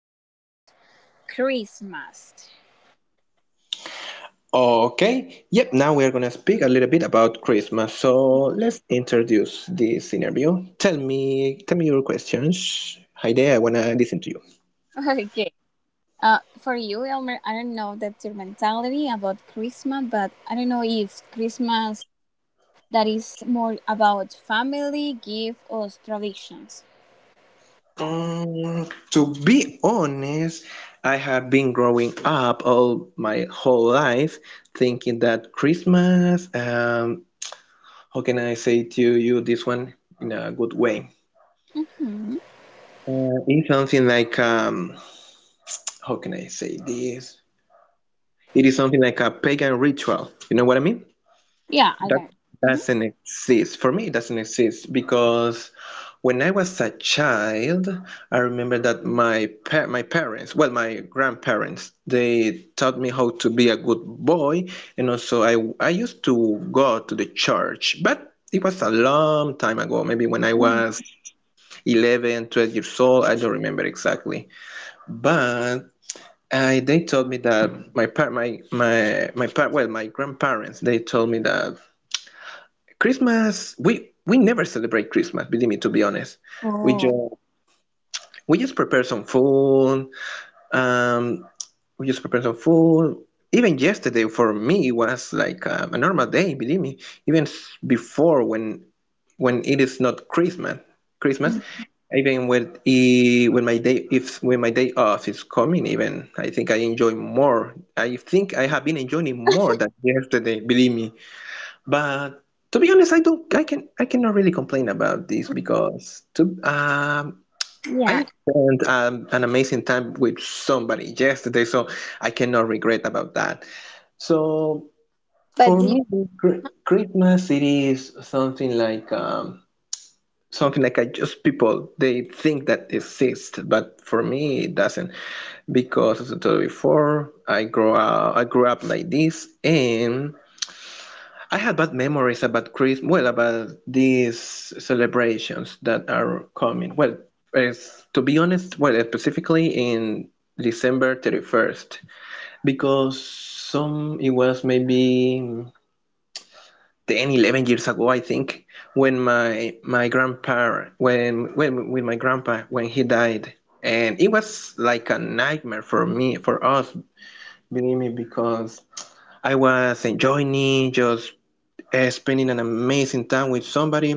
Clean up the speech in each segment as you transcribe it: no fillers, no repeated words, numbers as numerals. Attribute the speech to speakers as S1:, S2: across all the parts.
S1: about Christmas.
S2: Okay. Yep. Now we are gonna speak a little bit about Christmas. So let's introduce this interview. Tell me your questions. Heide, I wanna listen to you.
S1: Okay. For you, Elmer, I don't know that your mentality about Christmas, but I don't know if Christmas that is more about family, gift, or traditions.
S2: To be honest, I have been growing up all my whole life thinking that Christmas. How can I say to you this one in a good way?
S1: hmm
S2: It's something like how can I say this? It is something like a pagan ritual. You know what I mean?
S1: Yeah, I
S2: That
S1: got it. Mhm.
S2: doesn't exist. For me, it doesn't exist because when I was a child, I remember that my parents, well, my grandparents, they taught me how to be a good boy, and also I used to go to the church, but it was a long time ago, maybe when I was 11, 12 years old. I don't remember exactly. But I they told me that my par my my my par well my grandparents, they told me that Christmas, we never celebrate Christmas, believe me. To be honest, we just
S1: Oh,
S2: we just prepare some food, um we just prepare some food. Even yesterday for me was like a normal day, believe me. Even before, when it is not Christmas. Christmas, even when I- when my day if when my day off is coming, even I think I enjoy more. I think I have been enjoying more than yesterday, believe me. But to be honest, I don't. I can. I cannot really complain about this because to.
S1: yeah.
S2: I spent an amazing time with somebody yesterday, so I cannot regret about that. So
S1: But
S2: for
S1: do you
S2: me, Christmas, it is something like I just people, they think that exists, but for me it doesn't, because as I told you before, I grew up like this, and I had bad memories about Christmas, well, about these celebrations that are coming. Well, it's, to be honest, well, specifically in December 31st, because some it was maybe 10 11 years ago, I think, when my grandpa, when with my grandpa when he died. And it was like a nightmare for me, for us, believe me, because I was enjoying it, just spending an amazing time with somebody.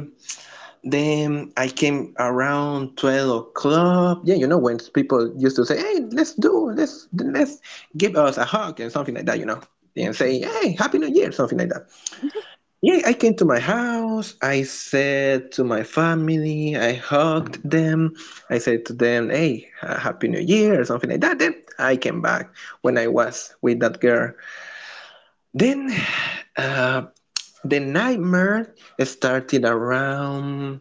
S2: Then I came around 12 o'clock, yeah, you know, when people used to say, hey, let's do let's give us a hug and something like that, you know, and say, hey, happy new year, something like that. Yeah, I came to my house. I said to my family, I hugged them. I said to them, hey, Happy New Year, or something like that. Then I came back when I was with that girl. Then uh, the nightmare started around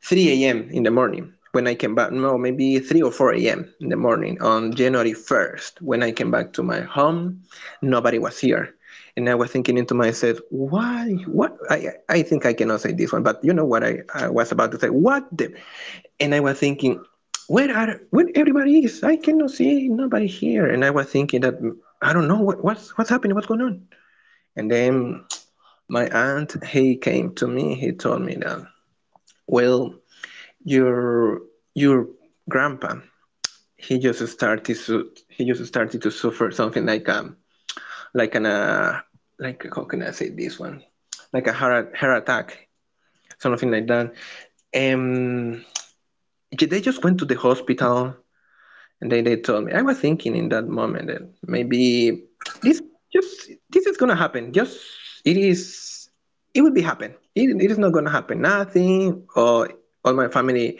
S2: 3 a.m. in the morning when I came back. No, maybe 3 or 4 a.m. in the morning on January 1st, when I came back to my home. Nobody was here. And I was thinking into myself, why? What? I think I cannot say this one, but you know what I was about to say? What the? And I was thinking, where everybody is? I cannot see nobody here. And I was thinking that I don't know what, what's happening, what's going on. And then my aunt, he came to me. He told me that, well, your your grandpa, he just started to suffer something like an like how can I say this one, like a heart attack, something like that, and they just went to the hospital. And then they told me, I was thinking in that moment that maybe this this is gonna happen, just it is, it will be happen, it is not gonna happen nothing, or all my family,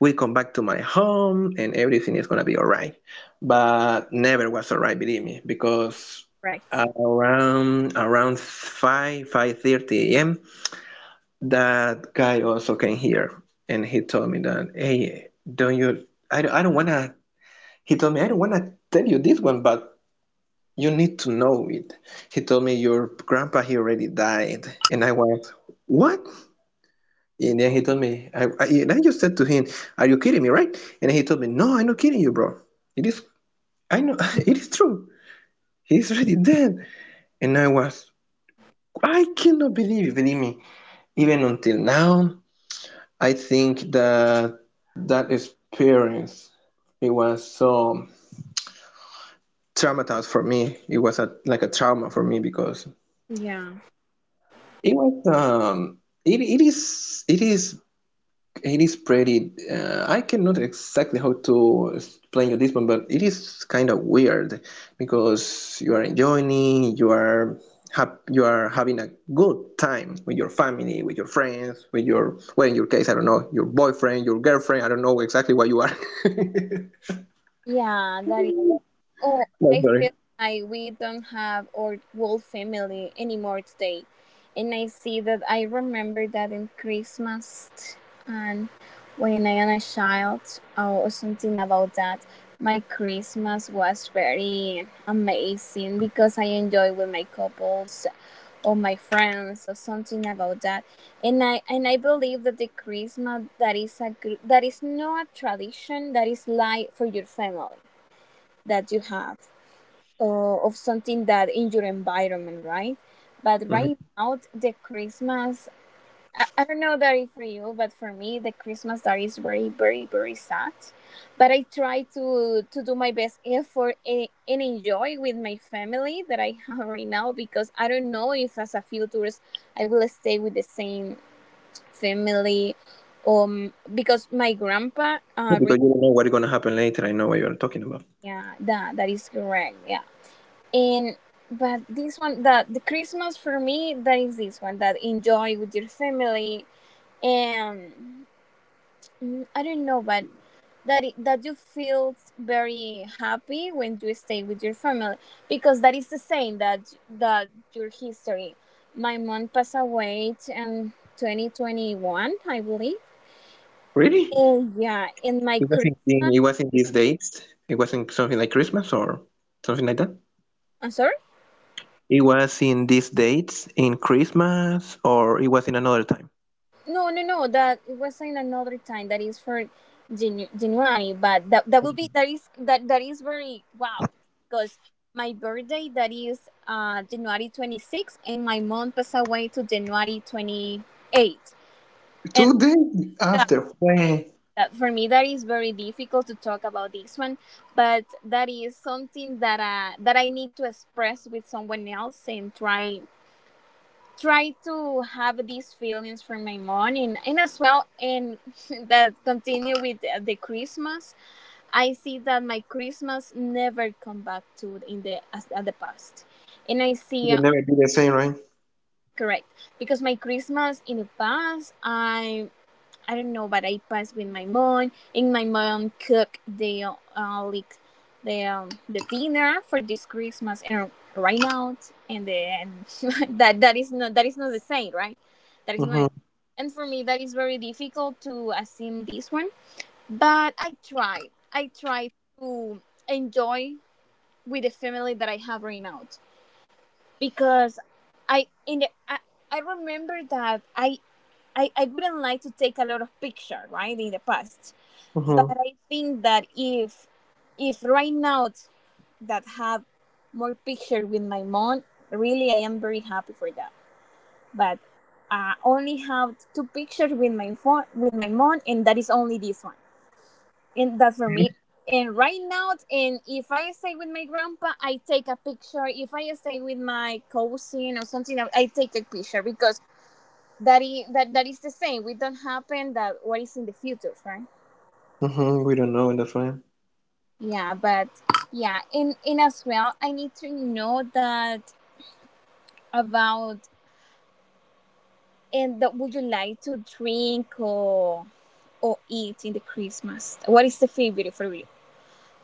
S2: we come back to my home and everything is gonna be all right. But never was all right, believe me, because
S1: correct?
S2: around five five thirty a.m., that guy also came here and he told me that, hey, don't you? I don't wanna. He told me, I don't wanna tell you this one, but you need to know it. He told me, your grandpa, he already died. And I was, what? Yeah. And then he told me, and I just said to him, are you kidding me, right? And he told me, no, I'm not kidding you, bro. It is, I know, it is true. He's really dead. And I was, I cannot believe it, believe me. Even until now, I think that that experience, it was so traumatized for me. It was a, like a trauma for me, because
S1: Yeah.
S2: it was it, it is, it is pretty. I cannot exactly how to explain you this one, but it is kind of weird because you are enjoying, you are you are having a good time with your family, with your friends, with your, well, in your case, I don't know, your boyfriend, your girlfriend. I don't know exactly what you are.
S1: Yeah, that Oh,
S2: No,
S1: I
S2: sorry.
S1: feel like we don't have our whole family anymore today. And I see that I remember that in Christmas and when I am a child or something about that, my Christmas was very amazing because I enjoy with my couples or my friends or something about that. And I believe that the Christmas that that is not a tradition that is like for your family that you have of something that in your environment, right? But right
S2: Hmm.
S1: now, the Christmas, I don't know that it for you, but for me, the Christmas that is very, very, very sad. But I try to do my best effort and, enjoy with my family that I have right now because I don't know if as a futurist I will stay with the same family, because my grandpa
S2: Because
S1: right now,
S2: you don't know what's gonna happen later. I know what you're talking about.
S1: yeah, that is correct. Yeah, and but this one the Christmas for me that is this one that enjoy with your family and I don't know but that it, that you feel very happy when you stay with your family because that is the same that your history. My mom passed away in 2021, I believe.
S2: Really? It
S1: And yeah, in my
S2: wasn't.
S1: Christmas,
S2: It wasn't these dates. It wasn't something like Christmas or something like that.
S1: I'm sorry.
S2: It was in these dates, in Christmas, or it was in another time.
S1: No, no, no. That it was in another time. That is for January, but that will be that is that is very wow because my birthday that is January 26th, and my month passed away to January 28th. And
S2: 2 days
S1: yeah,
S2: after. When It
S1: that for me that is very difficult to talk about this one, but that is something that that I need to express with someone else and try to have these feelings for my mom and, as well and that continue with the Christmas. I see that my Christmas never come back to in the as, at the past. And I see,
S2: will never be the same, right?
S1: correct, because my Christmas in the past, I don't know, but I pass with my mom, and my mom cook the like the dinner for this Christmas and right now, and then that that is not, that is not the same, right? That is not,
S2: Mm-hmm,
S1: and for me that is very difficult to assume this one, but I try to enjoy with the family that I have right now because I in the I, I remember that I wouldn't like to take a lot of picture, right, in the past. But
S2: mm-hmm,
S1: I think that if right now that have more picture with my mom, really I am very happy for that. But I only have two pictures with my phone with my mom and that is only this one. And that's for me. And right now and if I stay with my grandpa I take a picture. If I stay with my cousin or something I take a picture because that is that is the same. We don't happen that what is in the future, right?
S2: mm-hmm. We don't know, and that's right.
S1: Yeah, but yeah, and as well, I need to know that about and that would you like to drink or eat in the Christmas? What is the favorite for you?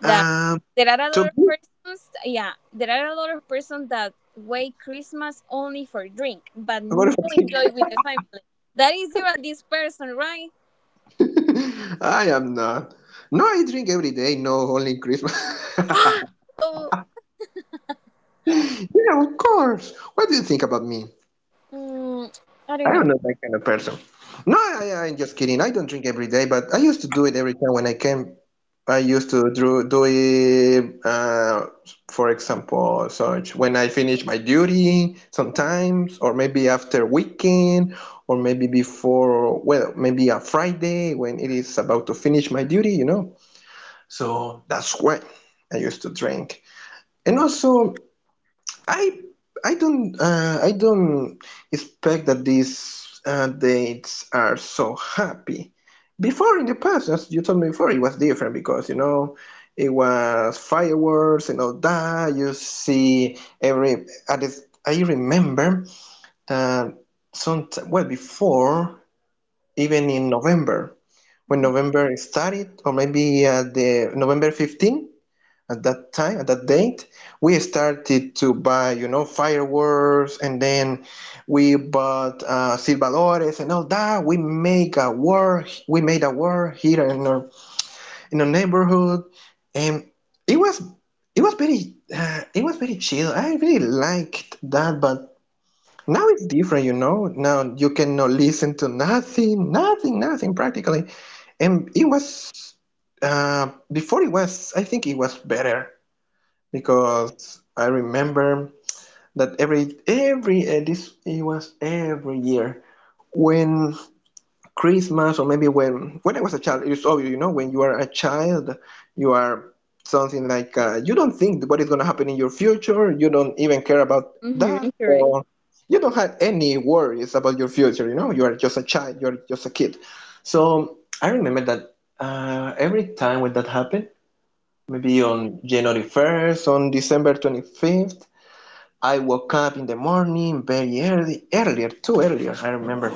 S1: That
S2: Um,
S1: there are a
S2: to
S1: lot of
S2: be,
S1: persons, yeah, there are a lot of persons that wait Christmas only for drink, but
S2: what
S1: no
S2: if
S1: enjoy
S2: I
S1: with the family. That is you and this person, right?
S2: think? I am not. No, I drink every day, no, only in Christmas.
S1: Oh,
S2: Yeah, of course. What do you think about me?
S1: mm, I
S2: I
S1: don't know.
S2: am not that kind of person. No, I'm just kidding. I don't drink every day, but I used to do it every time when I used to do it, for example, such when I finish my duty sometimes, or maybe after weekend, or maybe before, well, maybe a Friday when it is about to finish my duty, you know. So that's why I used to drink. And also, I I don't I don't expect that these dates are so happy. Before in the past, as you told me before, it was different because you know it was fireworks and all that. You see every at the, I remember that some, well, before, even in November, when November started, or maybe at the November 15th, at that time, at that date, we started to buy, you know, fireworks, and then we bought silvadores and all that. We made a war here in our neighborhood, and it was, it was very chill. I really liked that. But now it's different, you know. Now you cannot listen to nothing, nothing, nothing practically. And it was I think it was better, because I remember that every this it was every year, when Christmas, or maybe when I was a child. It's obvious, you know, when you are a child, you are something like you don't think what is going to happen in your future. You don't even care about that,
S1: Mm-hmm, correct,
S2: or you don't have any worries about your future. You know, you are just a child. You are just a kid. So I remember that every time when that happened, maybe on January 1st, on December 25th, I woke up in the morning very early, earlier, too earlier, I remember.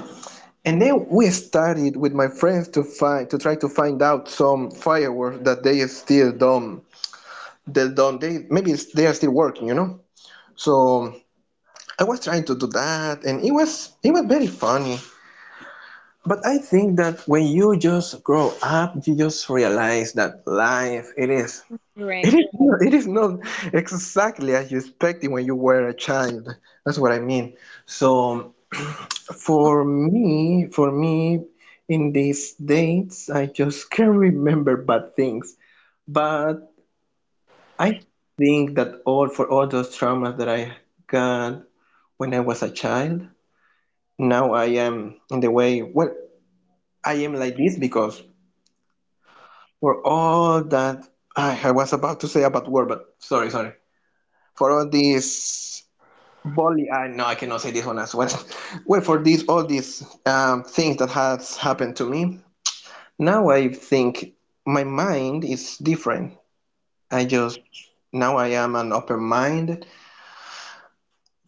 S2: And then we started with my friends to try to find out some fireworks that they don't, they maybe they are still working, you know. So I was trying to do that, and it was very funny. But I think that when you just grow up, you just realize that life,
S1: correct.
S2: it is not exactly as you expected when you were a child. That's what I mean. So for me, in these dates, I just can't remember bad things. But I think that all, for all those traumas that I got when I was a child, now I am in the way. Well, I am like this because for all that I was about to say about war, but sorry, sorry. For all these bully, I, no, I cannot say this one as well. Well, for these all these things that has happened to me, now I think my mind is different. I just now I am an open mind.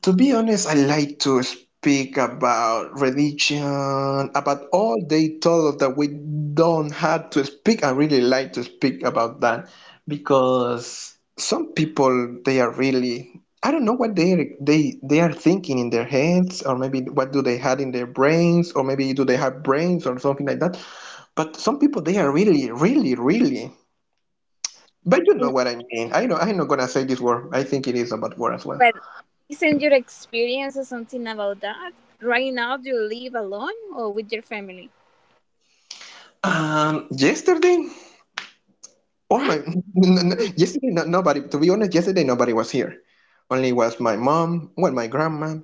S2: To be honest, I like to speak about religion, about all they told us that we don't have to speak. I really like to speak about that because some people, they are really I don't know what they are thinking in their heads, or maybe what do they had in their brains, or maybe do they have brains or something like that. But some people they are really, really, really... But you know
S1: And-
S2: what I mean. I know I'm not gonna say this word. I think it is a bad word as well.
S1: But isn't your experience or something about that? Right now, do you live alone or with your family?
S2: Yesterday, all
S1: Ah,
S2: my yesterday, no, nobody. To be honest, yesterday nobody was here. Only was my mom. Well, my grandma,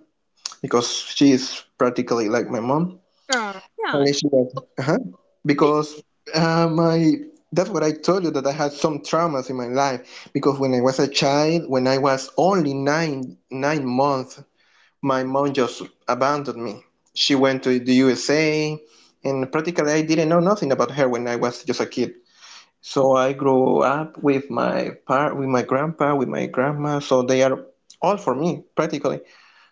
S2: because she is practically like my mom.
S1: yeah, yeah,
S2: Only she was. Uh-huh. Because my, that's what I told you, that I had some traumas in my life, because when I was a child, when I was only 9 9 months, my mom just abandoned me. She went to the USA, and practically I didn't know nothing about her when I was just a kid. So I grew up with my with my grandpa, with my grandma. So they are all for me practically.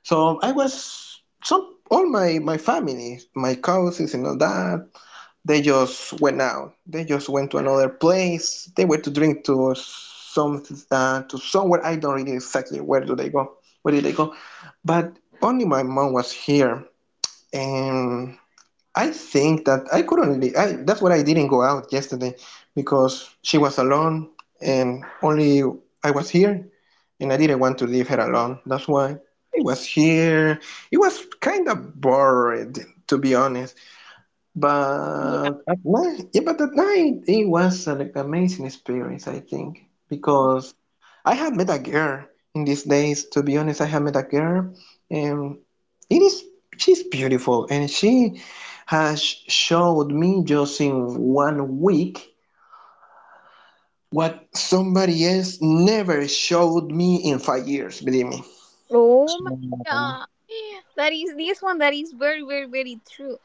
S2: So I was some all my family, my cousins and all that. They just went out. They just went to another place. They went to drink to some to somewhere, I don't really exactly where do they go. Where did they go? But only my mom was here, and I think that I couldn't. I, that's why I didn't go out yesterday, because she was alone, and only I was here, and I didn't want to leave her alone. That's why I was here. It was kind of bored, to be honest.
S1: yeah.
S2: But at night, yeah, but at night it was an amazing experience. I think because I have met a girl in these days. To be honest, I have met a girl. And. It is, she's beautiful, and she has showed me just in 1 week what somebody else never showed me in 5 years. Believe me.
S1: Oh my god, that is this one. That is very, very, very true.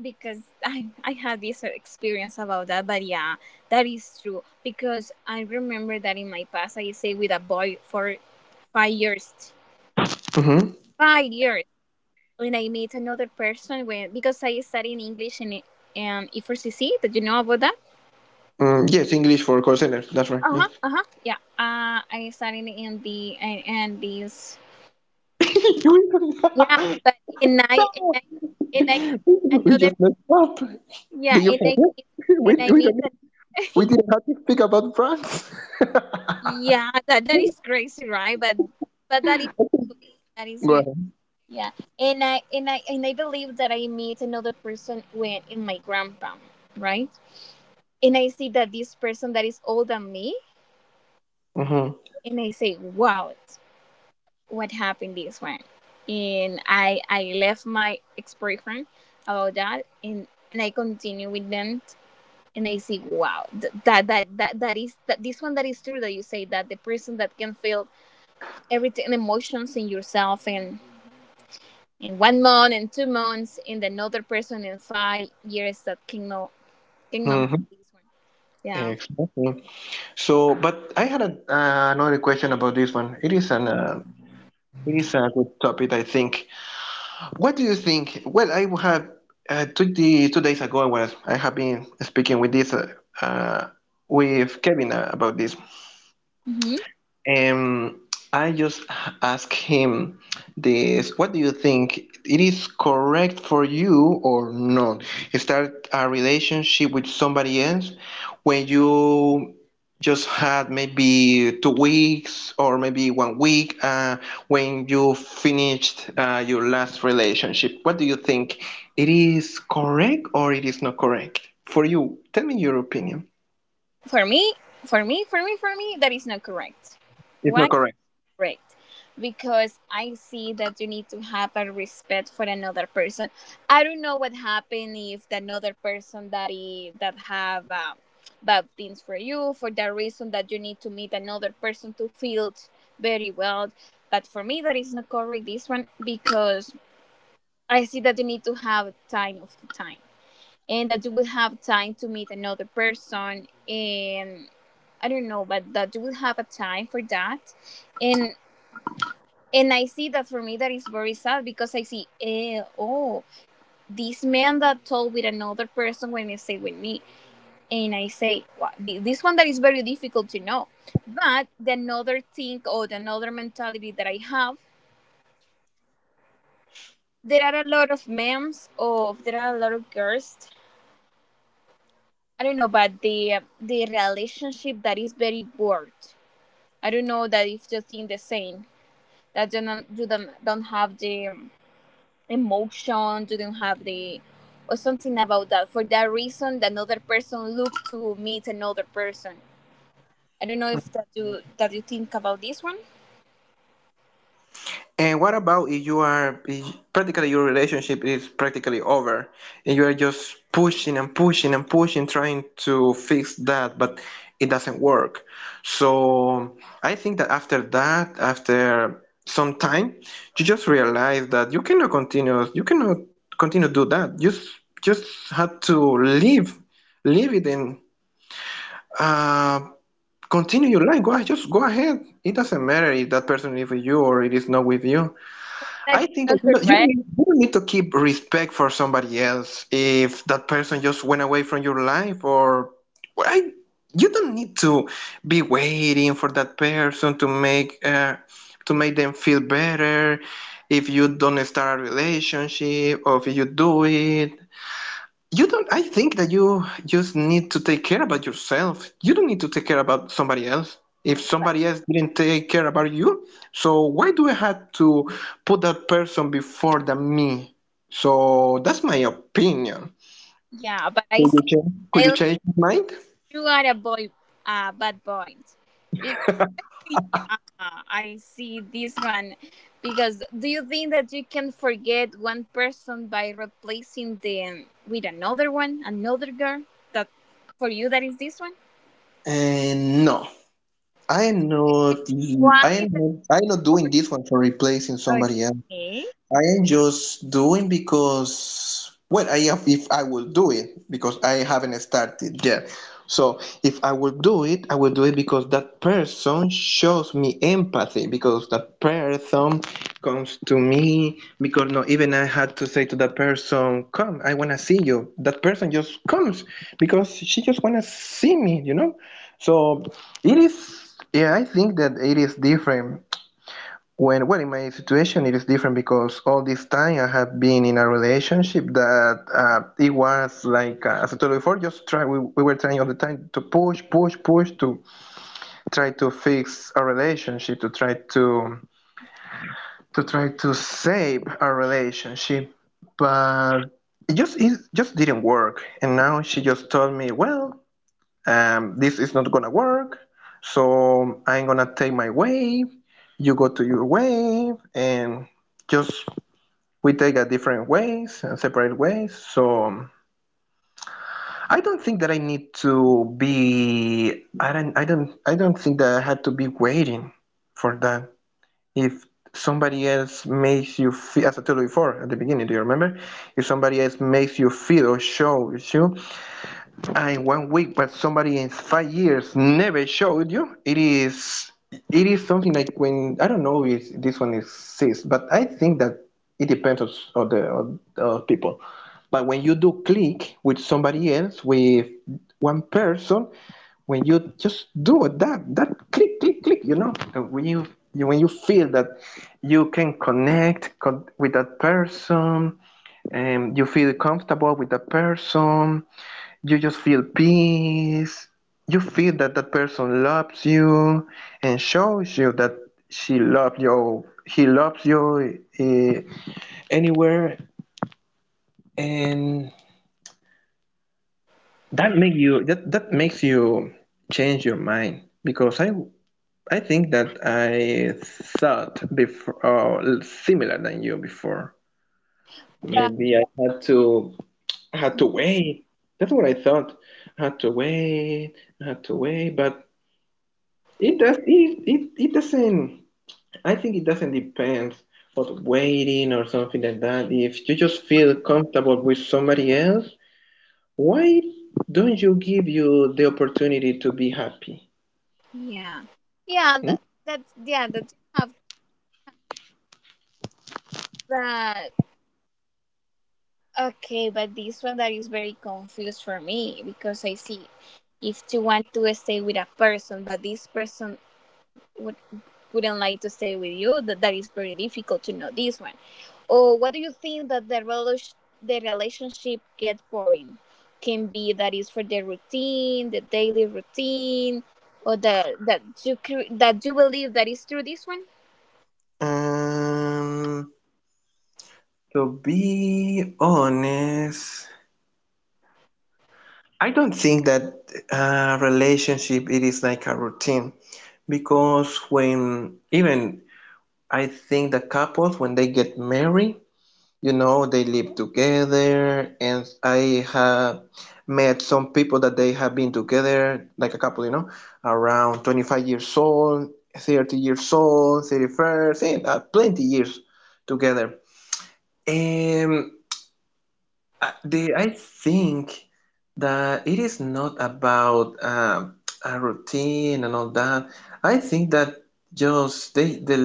S1: Because I had this experience about that. But yeah, that is true. Because I remember that in my past, I stayed with a boy for 5 years.
S2: Mm-hmm.
S1: 5 years. When I meet another person when because I study in English in E4CC. Did you know about that?
S2: Mm, yes, English for call center. That's right.
S1: Uh
S2: Yeah.
S1: huh. Uh huh. Yeah. I studied in the and in these. Yeah,
S2: Stop!
S1: but and I
S2: We
S1: another.
S2: just messed up.
S1: Yeah,
S2: Do you
S1: and
S2: have
S1: I
S2: it?
S1: meet and I
S2: We
S1: meet.
S2: don't. We didn't have to speak about France.
S1: Yeah, that is crazy, right? But but that is that is
S2: Go
S1: good.
S2: ahead.
S1: Yeah, and I believe that I meet another person when in my grandpa, right? And I see that this person that is older than me
S2: Mm-hmm.
S1: and I say, wow, it's what happened this one. And I left my ex boyfriend about that, and I continue with them, and I say, wow, that that is that this one that is true that you say that the person that can feel everything emotions in yourself in one month and two months, and another person in 5 years that cannot
S2: Mm-hmm.
S1: have this one. Yeah.
S2: Excellent. So, but I had a, another question about this one. It is an it is a good topic, I think. What do you think? Well, I have 2 days ago I have been speaking with this uh, with Kevin about this.
S1: hmm
S2: Um, I just ask him this, what do you think? It is correct for you or not? Start a relationship with somebody else when you just had maybe 2 weeks or maybe 1 week when you finished your last relationship. What do you think? It is correct or it is not correct for you? Tell me your opinion.
S1: For me, for me, that is not correct.
S2: It's
S1: Why
S2: not correct.
S1: correct? Because I see that you need to have a respect for another person. I don't know what happened if the another person that have, bad things for you for the reason that you need to meet another person to feel very well. But for me that is not correct this one because I see that you need to have time of the time and that you will have time to meet another person and I don't know but that you will have a time for that. And I see that for me that is very sad because I see, oh, this man that told with another person when they stay with me, and I say, This one that is very difficult to know. But the another thing or the another mentality that I have, there are a lot of memes of there are a lot of girls. I don't know, but the relationship that is very bored. I don't know that if you think the same that you don't have the emotions, you don't have the or something about that. For that reason, that another person look to meet another person. I don't know if that you that you think about this one.
S2: And what about if you are, if practically your relationship is practically over and you are just pushing and pushing and pushing trying to fix that, but it doesn't work? So I think that after that, after some time, you just realize that you cannot continue, you cannot continue do that. You just had to leave it and uh continue your life. Go ahead, just go ahead. It doesn't matter if that person is with you or it is not with you.
S1: That is
S2: I think that
S1: not
S2: don't
S1: correct.
S2: need, you don't need to keep respect for somebody else if that person just went away from your life. Or well, you don't need to be waiting for that person to make them feel better. If you don't start a relationship, or if you do it, you don't... I think that you just need to take care about yourself. You don't need to take care about somebody else if
S1: But
S2: somebody else didn't take care about you. So why do I have to put that person before the me? So that's my opinion.
S1: yeah, but I see.
S2: Could
S1: I
S2: you
S1: like
S2: change your mind?
S1: you are a boy, bad point. Because yeah, I see this one. Because do you think that you can forget one person by replacing them with another one, another girl? That for you that is this one?
S2: And no, i am not
S1: Explain why that
S2: I am not
S1: part.
S2: doing this one for replacing somebody else.
S1: Okay,
S2: I am just doing because, well, I have, if I will do it, because I haven't started yet. So if I will do it, I will do it because that person shows me empathy, because that person comes to me, because not even I had to say to that person, "Come, I wanna see you." That person just comes because she just wanna see me, you know. So it is. Yeah, I think that it is different. When, well, in my situation it is different, because all this time I have been in a relationship that it was like as I told you before, just try, we were trying all the time to push push push to try to fix a relationship, to try to save a relationship, but it just didn't work. And now she just told me, well, "This is not gonna work, so I'm gonna take my way, you go to your way," and just we take a different ways and separate ways. So I don't think that I need to be, I don't think that I had to be waiting for that. If somebody else makes you feel, as I told you before at the beginning, do you remember, if somebody else makes you feel or shows you and 1 week, but somebody in 5 years never showed you. It is, it is something like, when, I don't know if this one exists, but I think that it depends on the on people. But when you do click with somebody else, with one person, when you just do that, that click, click, click, you know, when you when you feel that you can connect with that person, and you feel comfortable with that person, you just feel peace. You feel that that person loves you and shows you that she loves you, he loves you, anywhere, and that make you, that makes you change your mind, because I think that I thought before similar than you before.
S1: but
S2: Maybe I had to, wait. That's what I thought. I had to wait. I had to wait. But it does it, it doesn't... I think it doesn't depend on waiting or something like that. If you just feel comfortable with somebody else, why don't you give you the opportunity to be happy?
S1: yeah, yeah,
S2: Hmm?
S1: that's yeah that you have that okay, but this one that is very confused for me because I see if you want to stay with a person but this person would wouldn't like to stay with you, that is very difficult to know this one. Or what do you think that the relationship get boring? Can be that is for the routine, the daily routine, or the that that you believe that is through this one.
S2: Um, to be honest, I don't think that relationship it is like a routine, because when even I think the couples, when they get married, you know, they live together. And I have met some people that they have been together like a couple, you know, around 25 years old, 30 years old, 31st and, plenty years together. And I think that it is not about a routine and all that. I think that just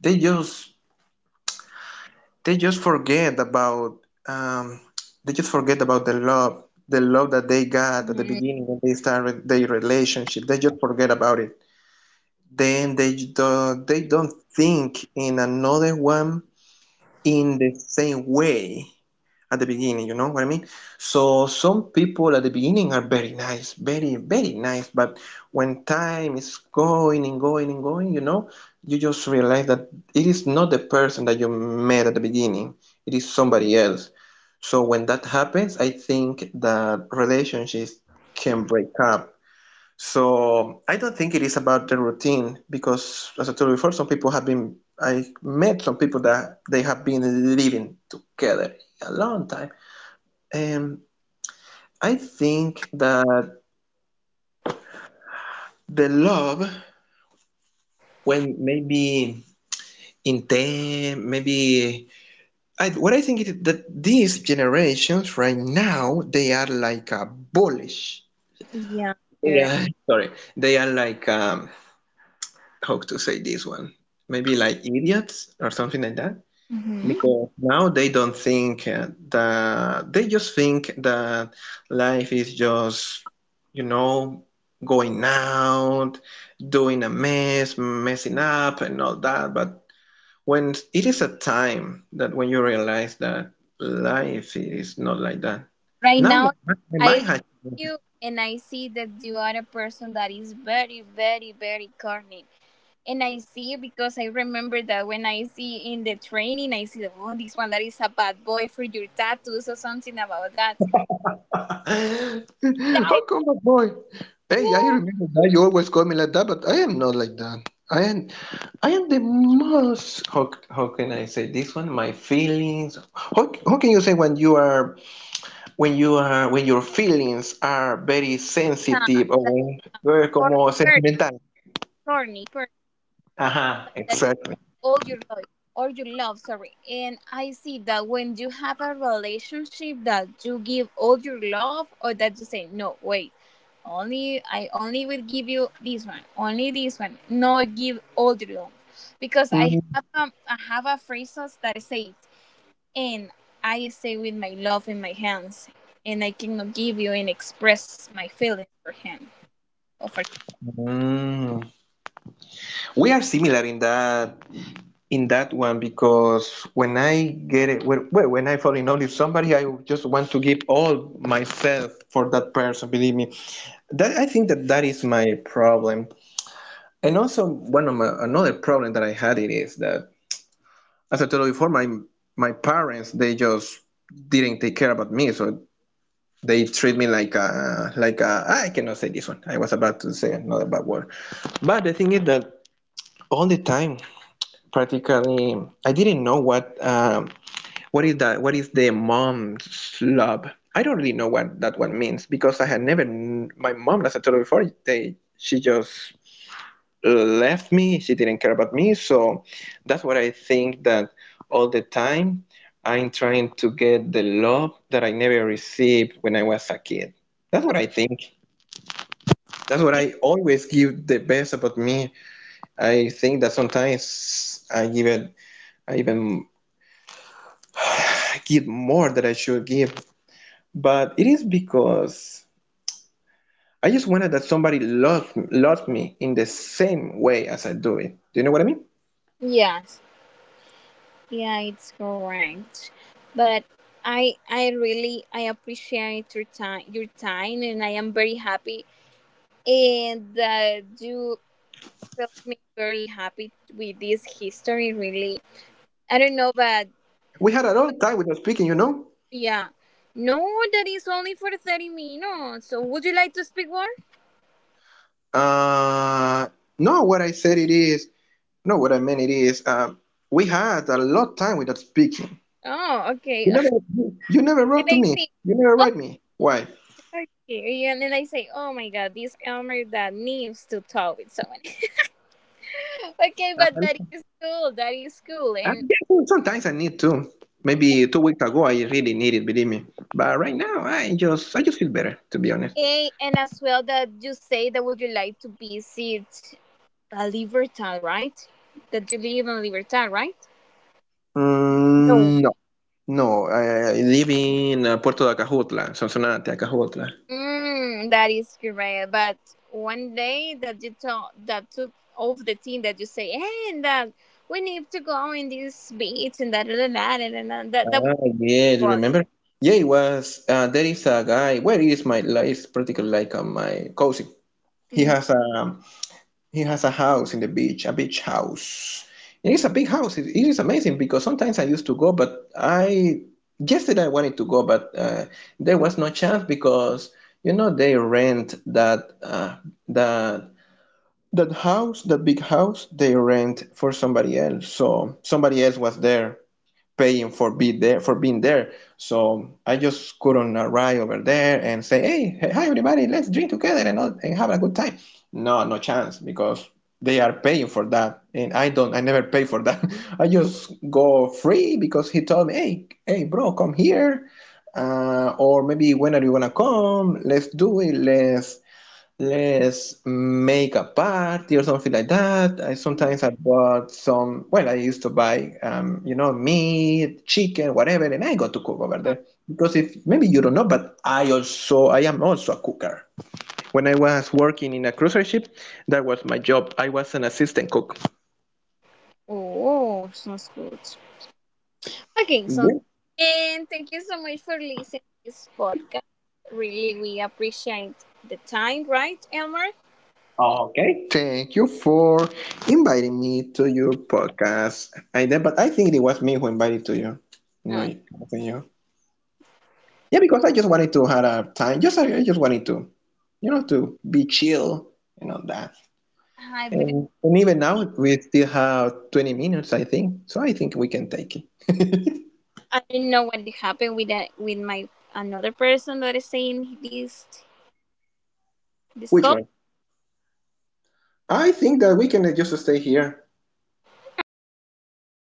S2: they just, they just forget about um, they just forget about the love, the love that they got at the
S1: hmm
S2: beginning when they started their relationship. They just forget about it. Then they do, they don't think in another one in the same way at the beginning, you know what I mean? So some people at the beginning are very nice, very very nice. But when time is going and going and going, you know, you just realize that it is not the person that you met at the beginning. It is somebody else. So when that happens, I think that relationships can break up. So I don't think it is about the routine, because as I told you before, some people have been, I met some people that they have been living together a long time. um, I think that the love, when maybe intent, maybe what I think is that these generations right now, they are like a bullish.
S1: Yeah,
S2: They
S1: sure.
S2: are sorry, they are like how to say this one? Maybe like idiots or something like that.
S1: hmm
S2: Because now they don't think that they just think that life is just, you know, going out, doing a mess, messing up, and all that. But when it is a time that when you realize that life is not like that.
S1: Right
S2: Now
S1: now,
S2: my,
S1: I listen
S2: my
S1: to you and I see that you are a person that is very, very, very corny and I see because I remember that when I see in the training, I see oh this one that is a bad boy for your tattoos or something about that.
S2: how
S1: Yeah, I
S2: come, my boy? Hey, I
S1: think,
S2: remember that you always call me like that, but I am not like that. I am, I am the most. How can I say this one? My feelings. How can you say when you are, when you are, when your feelings are very
S1: uh,
S2: sensitive, or
S1: that
S2: when
S1: is a
S2: you're
S1: corny
S2: como
S1: person,
S2: sentimental?
S1: corny person.
S2: Aha,
S1: That, that
S2: exactly.
S1: all your love or your love sorry. And I see that when you have a relationship that you give all your love or that you say no wait only I only will give you this one only this one no give all the love because I
S2: Mhm.
S1: have I have a phrases that is it and I stay with my love in my hands and I cannot give you and express my feelings for him or for
S2: We are similar in that, in that one because when I get it, when I fall in love with somebody, I just want to give all myself for that person. Believe me, that I think that that is my problem. And also, one of my another problem that I had it is that, as I told you before, my parents they just didn't take care about me, so they treat me like a I cannot say this one. I was about to say another bad word, but the thing is that all the time, practically, I didn't know what. What is that? What is the mom slob? I don't really know what that one means because I had never. My mom, as I told you before, they she just left me. She didn't care about me, so that's what I think that all the time I'm trying to get the love that I never received when I was a kid. That's what I think. That's what
S1: him.
S2: I always give the best about me. I think that sometimes I give it, I even I give more than I should give, but it is because I just wanted that somebody loved me in the same way as I do it. Do you know what I mean?
S1: Yes. Yeah, it's correct. But I really I appreciate your time and I am very happy and, you felt me very happy with this history really. I don't know but
S2: We had a long time without speaking,
S1: yeah. No, that is only for 30 minutes. So would you like to speak more?
S2: Uh, no, what I said it is no. What I meant it is we had a lot time without speaking.
S1: Oh, okay.
S2: You never you never
S1: and
S2: wrote to
S1: I
S2: me.
S1: see.
S2: You never
S1: Oh,
S2: write me. Why?
S1: okay. And then I say, oh my god, this Elmer that needs to talk with someone. okay, but that
S2: Um,
S1: is cool. That is cool.
S2: I
S1: And
S2: guess sometimes I need to. Maybe two weeks ago I really needed, believe me. But right now I just feel better, to be honest.
S1: As well that you say that would you like to visit, Libertad, right? That you live in Libertad, right? No.
S2: Mm, no. No, I live in Puerto de Acajutla, Sonsonate, Acajutla.
S1: That is correct. But one day that you talk, that took off the team that you say, "Hey, and that we need to go in this beach and that and that and that that, that would
S2: Ah, yeah, you
S1: work.
S2: remember? Yeah, it was. There is a guy. Where is my? It's practically like my cousin. He
S1: Mm.
S2: has a he has a house in the beach, a beach house. It is a big house. It is amazing because sometimes I used to go, but I yesterday I wanted to go, but there was no chance because you know they rent that that that house, that big house, they rent for somebody else. So somebody else was there paying for be there for being there. So I just couldn't arrive over there and say, "Hey, hey, hi everybody, let's drink together and have a good time." No, no chance because they are paying for that, and I don't. I never pay for that. I just go free because he told me, "Hey, hey, bro, come here. Or maybe when are you gonna come? Let's do it. Let's make a party or something like that." I sometimes I bought some, well, I used to buy, meat, chicken, whatever, and I go to cook over there. Because if maybe you don't know, but I am also a cooker. When I was working in a cruiser ship, that was my job. I was an assistant cook.
S1: Oh, sounds good. Okay, so
S2: Yeah.
S1: and thank you so much for listening to this podcast. Really, we appreciate the time, right, Elmer?
S2: Okay. Thank you for inviting me to your podcast. I did, but I think it was me who invited to you. No,
S1: Uh,
S2: I think you. Yeah, because I just wanted to have a time. Just I just wanted to, you know, to be chill and all that.
S1: Hi, but
S2: And even now we still have 20 minutes, I think. So I think we can take it.
S1: I didn't know what happened with that with my another person that is saying this this
S2: Which
S1: call.
S2: one? I think that we can just stay here.
S1: Okay.